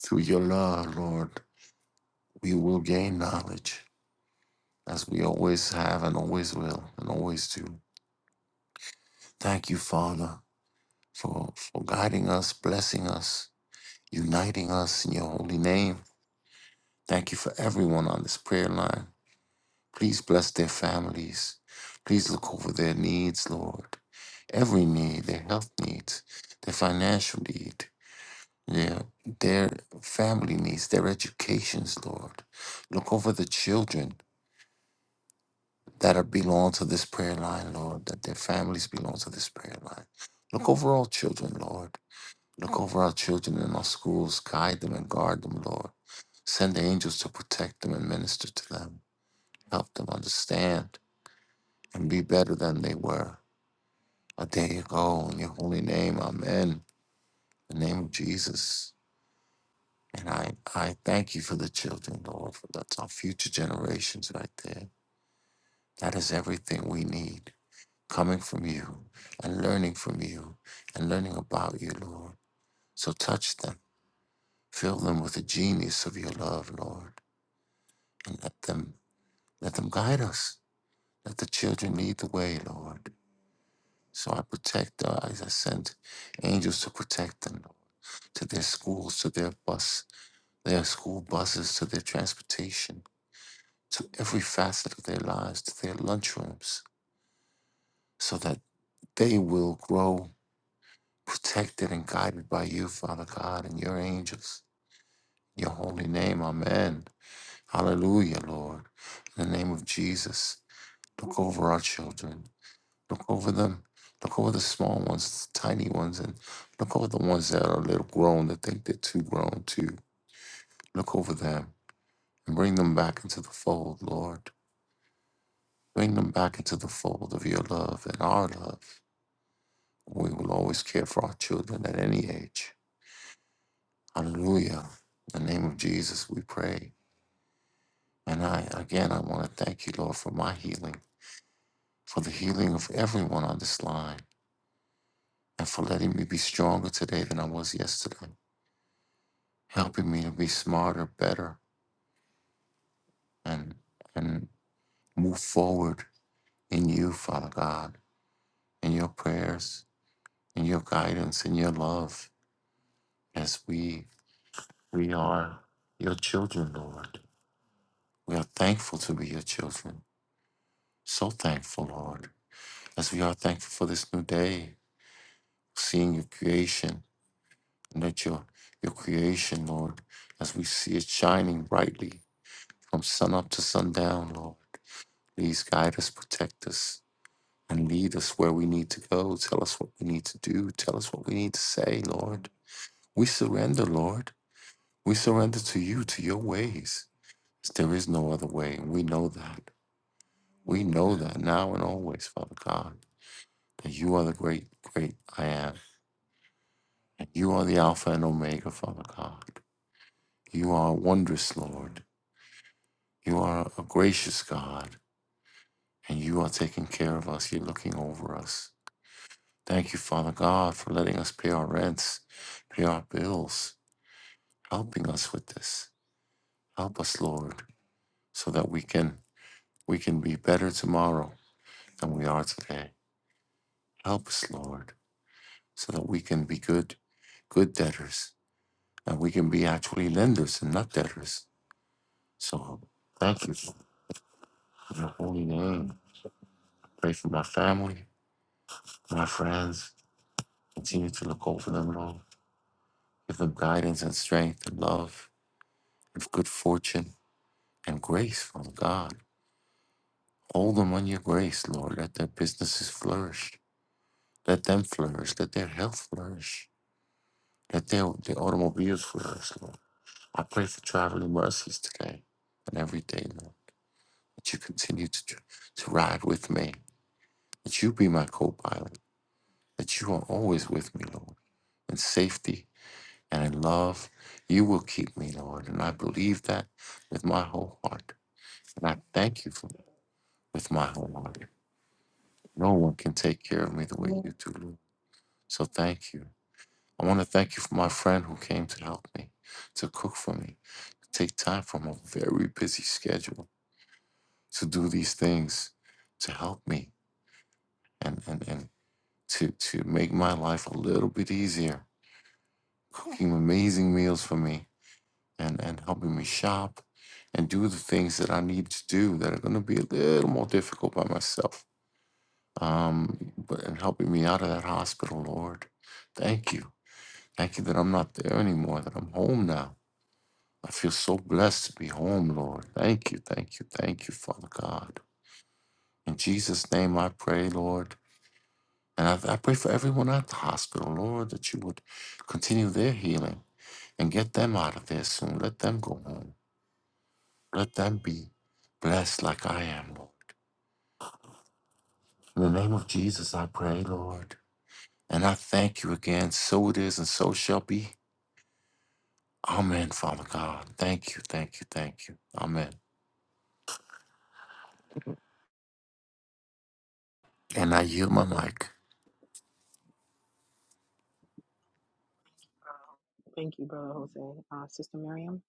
Through your love, Lord, we will gain knowledge as we always have and always will and always do. Thank you, Father, for, for guiding us, blessing us, uniting us in your holy name. Thank you for everyone on this prayer line. Please bless their families. Please look over their needs, Lord. Every need, their health needs, their financial need, their their family needs, their educations, Lord. Look over the children that are belong to this prayer line, Lord, that their families belong to this prayer line. Look over all children, Lord. Look over our children in our schools. Guide them and guard them, Lord. Send the angels to protect them and minister to them. Help them understand and be better than they were. I thank you, God, in your holy name. Amen. In the name of Jesus. And I, I thank you for the children, Lord, for that's our future generations right there. That is everything we need coming from you and learning from you and learning about you, Lord. So touch them, fill them with the genius of your love, Lord, and let them let them guide us. Let the children lead the way, Lord. So I protect uh, as I send angels to protect them, to their schools, to their bus They are school buses to their transportation, to every facet of their lives, to their lunchrooms, so that they will grow protected and guided by you, Father God, and your angels. In Your holy name, amen. Hallelujah, Lord. In the name of Jesus, look over our children. Look over them. Look over the small ones, the tiny ones, and look over the ones that are a little grown that think they're too grown too. Look over them and bring them back into the fold, Lord. Bring them back into the fold of your love and our love. We will always care for our children at any age. Hallelujah. In the name of Jesus, we pray. And I, again, I want to thank you, Lord, for my healing, for the healing of everyone on this line, and for letting me be stronger today than I was yesterday, helping me to be smarter, better, and, and move forward in you, Father God, in your prayers, in your guidance, in your love, as we We are your children, Lord. We are thankful to be your children. So thankful, Lord. As we are thankful for this new day, seeing your creation, and that your, your creation, Lord, as we see it shining brightly from sun up to sundown, Lord. Please guide us, protect us, and lead us where we need to go. Tell us what we need to do. Tell us what we need to say, Lord. We surrender, Lord. We surrender to you, to your ways. There is no other way, and we know that. We know that now and always, Father God, that you are the great, great I am. And you are the Alpha and Omega, Father God. You are wondrous, Lord. You are a gracious God, and you are taking care of us. You're looking over us. Thank you, Father God, for letting us pay our rents, pay our bills, helping us with this. Help us, Lord, so that we can we can be better tomorrow than we are today. Help us, Lord, so that we can be good, good debtors and we can be actually lenders and not debtors. So thank you for your holy name. Pray for my family, my friends. Continue to look over them, Lord. Give them guidance and strength and love and good fortune and grace from God. Hold them on your grace, Lord. Let their businesses flourish. Let them flourish. Let their health flourish. Let their, their automobiles flourish, Lord. I pray for traveling mercies today and every day, Lord. That you continue to, to ride with me that you be my co pilot, that you are always with me, Lord, in safety and in love. You will keep me, Lord. And I believe that with my whole heart. And I thank you for that with my whole heart. No one can take care of me the way you do, Lord. So thank you. I want to thank you for my friend who came to help me, to cook for me, to take time from a very busy schedule to do these things to help me and, and, and to, to make my life a little bit easier cooking amazing meals for me and, and helping me shop and do the things that I need to do that are going to be a little more difficult by myself. Um, but and helping me out of that hospital, Lord. Thank you. Thank you that I'm not there anymore, that I'm home now. I feel so blessed to be home, Lord. Thank you, thank you, thank you, Father God. In Jesus' name I pray, Lord. And I, I pray for everyone at the hospital, Lord, that you would continue their healing and get them out of there soon. Let them go home. Let them be blessed like I am, Lord. In the name of Jesus, I pray, Lord. And I thank you again. So it is, and so shall be. Amen, Father God. Thank you, thank you, thank you. Amen. And I yield my mic. Thank you, Brother Jose. Uh, Sister Miriam.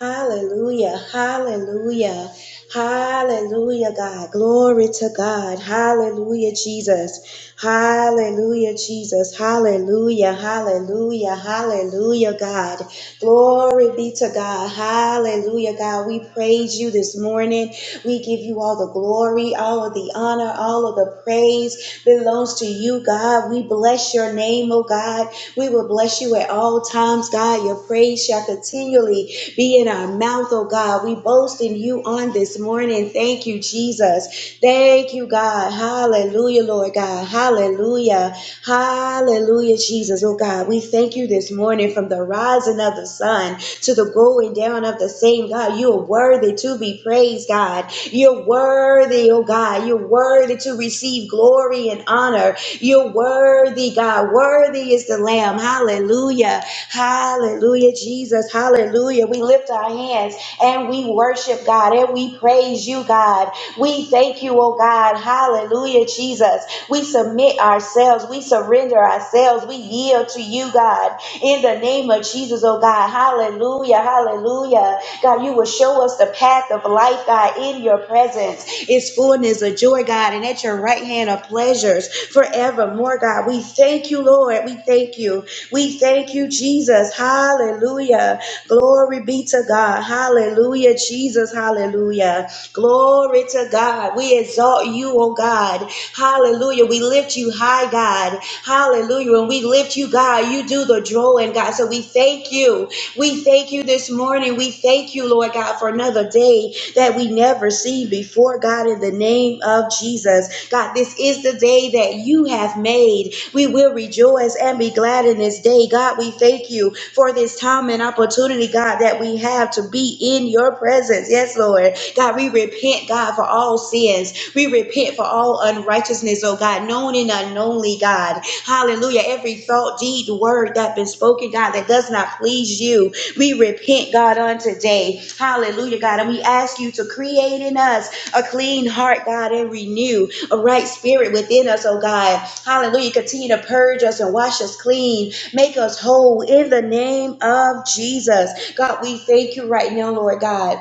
Hallelujah, hallelujah, hallelujah, God. Glory to God. Hallelujah, Jesus. Hallelujah, Jesus. Hallelujah, hallelujah, hallelujah, God. Glory be to God. Hallelujah, God. We praise you this morning. We give you all the glory, all of the honor, all of the praise belongs to you, God. We bless your name, oh God. We will bless you at all times, God. Your praise shall continually be in our mouth, oh God. We boast in you on this morning. Thank you, Jesus. Thank you, God. Hallelujah, Lord God. Hallelujah. Hallelujah, Jesus. Oh God, we thank you this morning from the rising of the sun to the going down of the same. God, you are worthy to be praised, God. You're worthy, oh God. You're worthy to receive glory and honor. You're worthy, God. Worthy is the Lamb. Hallelujah. Hallelujah, Jesus. Hallelujah. We lift our hands and we worship worship, God, and we praise you, God. We thank you, oh God. Hallelujah, Jesus. We submit ourselves, we surrender ourselves, we yield to you, God, in the name of Jesus, oh God. Hallelujah, hallelujah. God, you will show us the path of life, God, in your presence. It's fullness of joy, God, and at your right hand are pleasures forevermore, God. We thank you, Lord. We thank you. We thank you, Jesus. Hallelujah. Glory be to God. Hallelujah, Jesus. Hallelujah. Glory to God. We exalt you, oh God. Hallelujah. We lift you high, God. Hallelujah. When we lift you, God, you do the drawing, God. So we thank you. We thank you this morning. We thank you, Lord God, for another day that we never see before, God, in the name of Jesus. God, this is the day that you have made. We will rejoice and be glad in this day. God, we thank you for this time and opportunity, God, that we have to be in your presence. Yes, Lord. God, we repent, God, for all sins sins. We repent for all unrighteousness, oh God, known and unknownly, God. Hallelujah. Every thought, deed, word that been spoken, God, that does not please you. We repent, God, on today. Hallelujah, God. And we ask you to create in us a clean heart, God, and renew a right spirit within us, oh God. Hallelujah. Continue to purge us and wash us clean. Make us whole in the name of Jesus. God, we thank you right now, Lord God.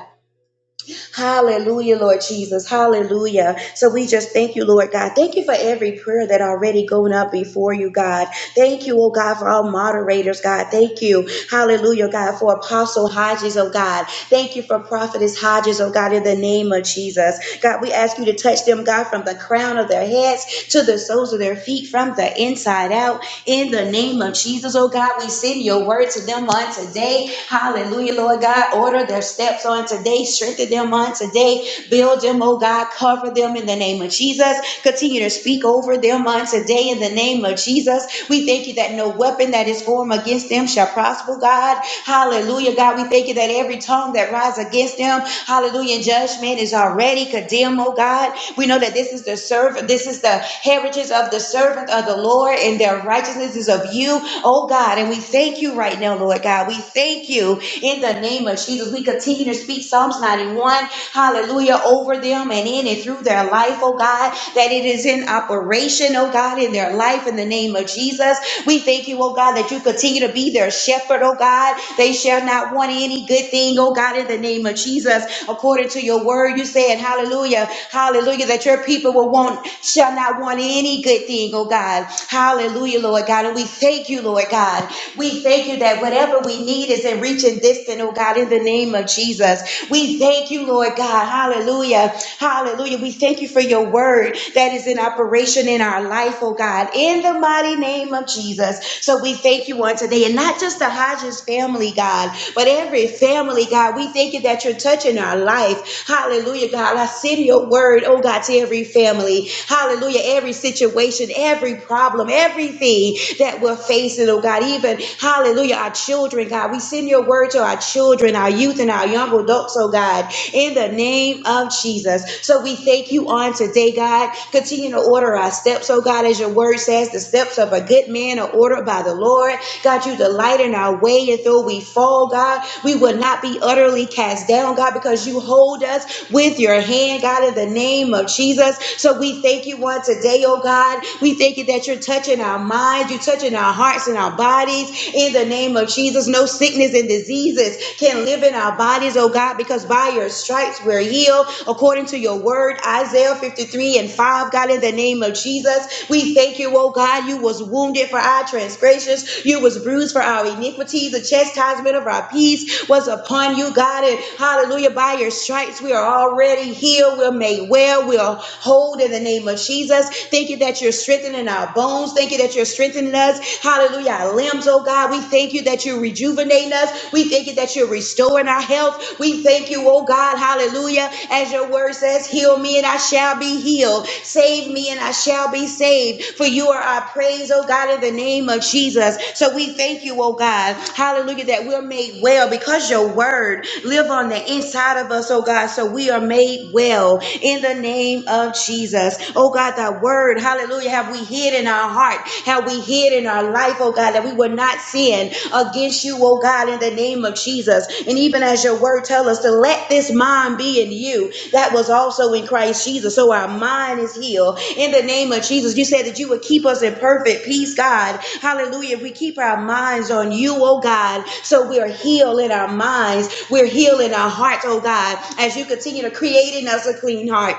Hallelujah, Lord Jesus. Hallelujah. So we just thank you, Lord God. Thank you for every prayer that already going up before you, God. Thank you, oh God, for all moderators, God. Thank you. Hallelujah, God, for Apostle Hodges, oh God. Thank you for Prophetess Hodges, oh God, in the name of Jesus. God, we ask you to touch them, God, from the crown of their heads to the soles of their feet from the inside out. In the name of Jesus, oh God, we send your word to them on today. Hallelujah, Lord God. Order their steps on today. Strengthen them on today. Build them, oh God. Cover them in the name of Jesus. Continue to speak over them on today in the name of Jesus. We thank you that no weapon that is formed against them shall prosper, God. Hallelujah, God. We thank you that every tongue that rises against them, hallelujah, in judgment is already condemned, oh God. We know that this is the servant, this is is the heritage of the servant of the Lord, and their righteousness is of you, oh God. And we thank you right now, Lord God. We thank you in the name of Jesus. We continue to speak Psalms 91, hallelujah, over them and in and through their life, oh God, that it is in operation, oh God, in their life in the name of Jesus. We thank you, oh God, that you continue to be their shepherd, oh God. They shall not want any good thing, oh God, in the name of Jesus. According to your word, you said, hallelujah, hallelujah, that your people will want shall not want any good thing, oh God. Hallelujah, Lord God. And we thank you, Lord God. We thank you that whatever we need is in reaching distant, oh God, in the name of Jesus. We thank you, Lord God. Hallelujah. Hallelujah. We thank you for your word that is in operation in our life, oh God, in the mighty name of Jesus. So we thank you on today. And not just the Hodges family, God, but every family, God. We thank you that you're touching our life. Hallelujah, God. I send your word, oh God, to every family destroy, hallelujah, every situation, every problem, everything that we're facing, oh God, even, hallelujah, our children, God, we send your word to our children, our youth, and our young adults, oh God, in the name of Jesus. So we thank you on today, God. Continue to order our steps, oh God, as your word says, the steps of a good man are ordered by the Lord. God, you delight in our way, and though we fall, God, we will not be utterly cast down, God, because you hold us with your hand, God, in the name of Jesus. So we thank you one today, oh God. We thank you that you're touching our minds, you're touching our hearts and our bodies. In the name of Jesus, no sickness and diseases can live in our bodies, oh God, because by your stripes we're healed. According to your word, Isaiah 53 and 5, God, in the name of Jesus, we thank you, oh God, you was wounded for our transgressions, you was bruised for our iniquities, the chastisement of our peace was upon you, God, and hallelujah, by your stripes we are already healed, we're made well, we're hold in the name of Jesus. Thank you that you're strengthening our bones. Thank you that you're strengthening us. Hallelujah. Our limbs, oh God. We thank you that you're rejuvenating us. We thank you that you're restoring our health. We thank you, oh God. Hallelujah. As your word says, heal me and I shall be healed. Save me and I shall be saved. For you are our praise, oh God, in the name of Jesus. So we thank you, oh God. Hallelujah. That we're made well because your word live on the inside of us, oh God. So we are made well in the name name of Jesus. Oh God, that word, hallelujah, have we hid in our heart, have we hid in our life, oh God, that we would not sin against you, oh God, in the name of Jesus. And even as your word tells us to let this mind be in you that was also in Christ Jesus. So our mind is healed in the name of Jesus. You said that you would keep us in perfect peace, God. Hallelujah. If we keep our minds on you, oh God, so we are healed in our minds, we're healed in our hearts, oh God, as you continue to create in us a clean heart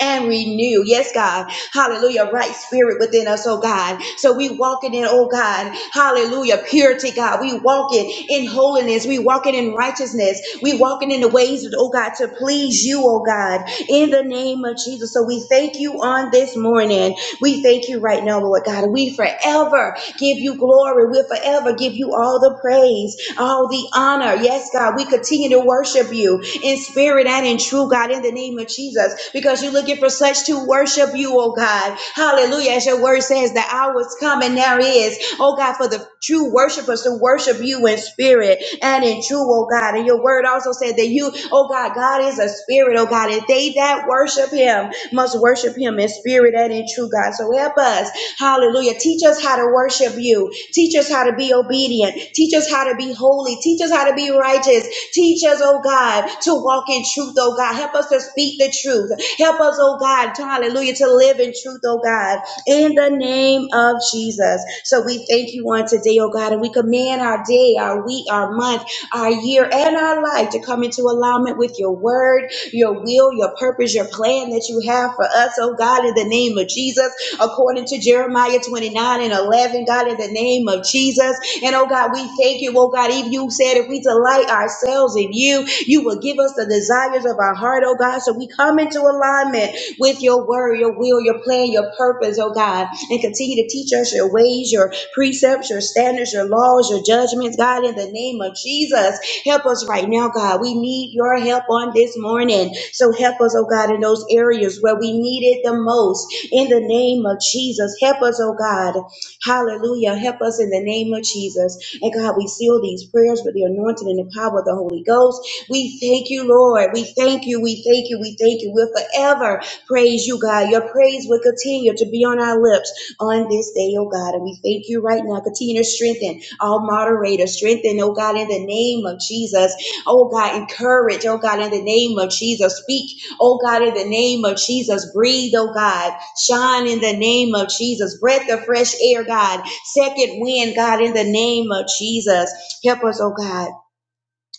and renew. Yes, God. Hallelujah. Right spirit within us, oh God. So we walking in, oh God. Hallelujah. Purity, God. We walking in holiness. We walking in righteousness. We walking in the ways, oh God, to please you, oh God. In the name of Jesus. So we thank you on this morning. We thank you right now, Lord God. We forever give you glory. We'll forever give you all the praise all the honor. Yes, God, we continue to worship you in spirit and in truth, God, in the name of Jesus, because you're looking for such to worship you, oh God. Hallelujah. As your word says, the hour is coming now is, oh God, for the true worshipers to worship you in spirit and in truth, oh God. And your word also said that you, oh God, God is a spirit, oh God, and they that worship him must worship him in spirit and in truth, God. So help us Hallelujah. Teach us how to worship you. Teach us how to be obedient. Teach us how to be holy. Teach us how to be righteous. Teach us, oh God, to walk in truth, oh God. Help us to speak the truth. Help us, oh God, to- hallelujah, to live in truth, oh God, in the name of Jesus. So we thank you on today, oh God, and we command our day, our week, our month, our year, and our life to come into alignment with your word, your will, your purpose, your plan that you have for us, oh God, in the name of Jesus according to Jeremiah 29 and 11, God, in the name of Jesus. And oh God, we thank you. Oh God, even you said if we delight ourselves in you, you will give us the desires of our heart, oh God. So we come into alignment with your word, your will, your plan, your purpose, oh God, and continue to teach us your ways, your precepts, your standards, your laws, your judgments, God, in the name of Jesus. Help us right now, God. We need your help on this morning. So help us, oh God, in those areas where we need it the most in the name of Jesus. Help us, oh God. Hallelujah. Help us in the name of Jesus. And God, we seal these prayers with the anointing and the power of the Holy Ghost. We thank you, Lord. We thank you. We thank you. We thank you. We'll forever praise you, God. Your praise will continue to be on our lips on this day, oh God. And we thank you right now. Continue to strengthen all moderators. Strengthen, oh God, in the name of Jesus. Oh God, encourage, oh God, in the name of Jesus. Speak Oh God, in the name of Jesus, breathe, oh God. Shine in the name of Jesus. Breath of fresh air, God. Second wind, God, in the name of Jesus. Help us, oh God.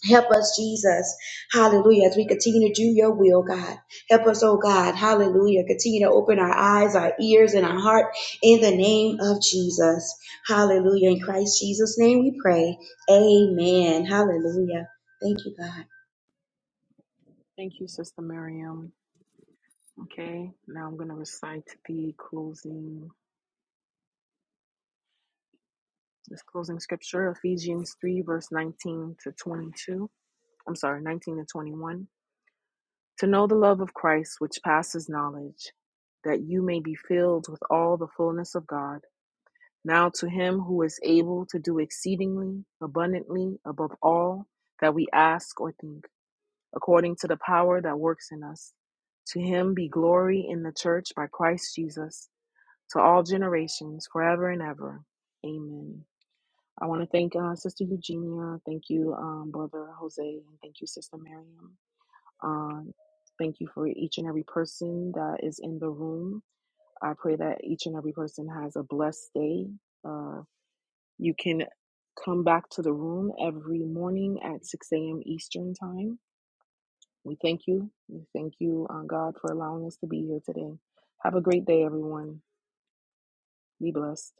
Help us, Jesus. Hallelujah. As we continue to do your will, God. Help us, oh God. Hallelujah. Continue to open our eyes, our ears, and our heart in the name of Jesus. Hallelujah. In Christ Jesus' name we pray. Amen. Hallelujah. Thank you, God. Thank you, Sister Miriam. Okay, now I'm going to recite the closing, this closing scripture, Ephesians 3, verse 19 to 22. I'm sorry, 19 to 21. to know the love of Christ which passes knowledge, that you may be filled with all the fullness of God. Now to him who is able to do exceedingly abundantly above all that we ask or think, according to the power that works in us. To him be glory in the church by Christ Jesus to all generations forever and ever. Amen. I want to thank uh, Sister Eugenia. Thank you, um, Brother Jose. And thank you, Sister Miriam. Um, thank you for each and every person that is in the room. I pray that each and every person has a blessed day. Uh, you can come back to the room every morning at 6 a.m. Eastern Time. We thank you. We thank you, uh, God, for allowing us to be here today. Have a great day, everyone. Be blessed.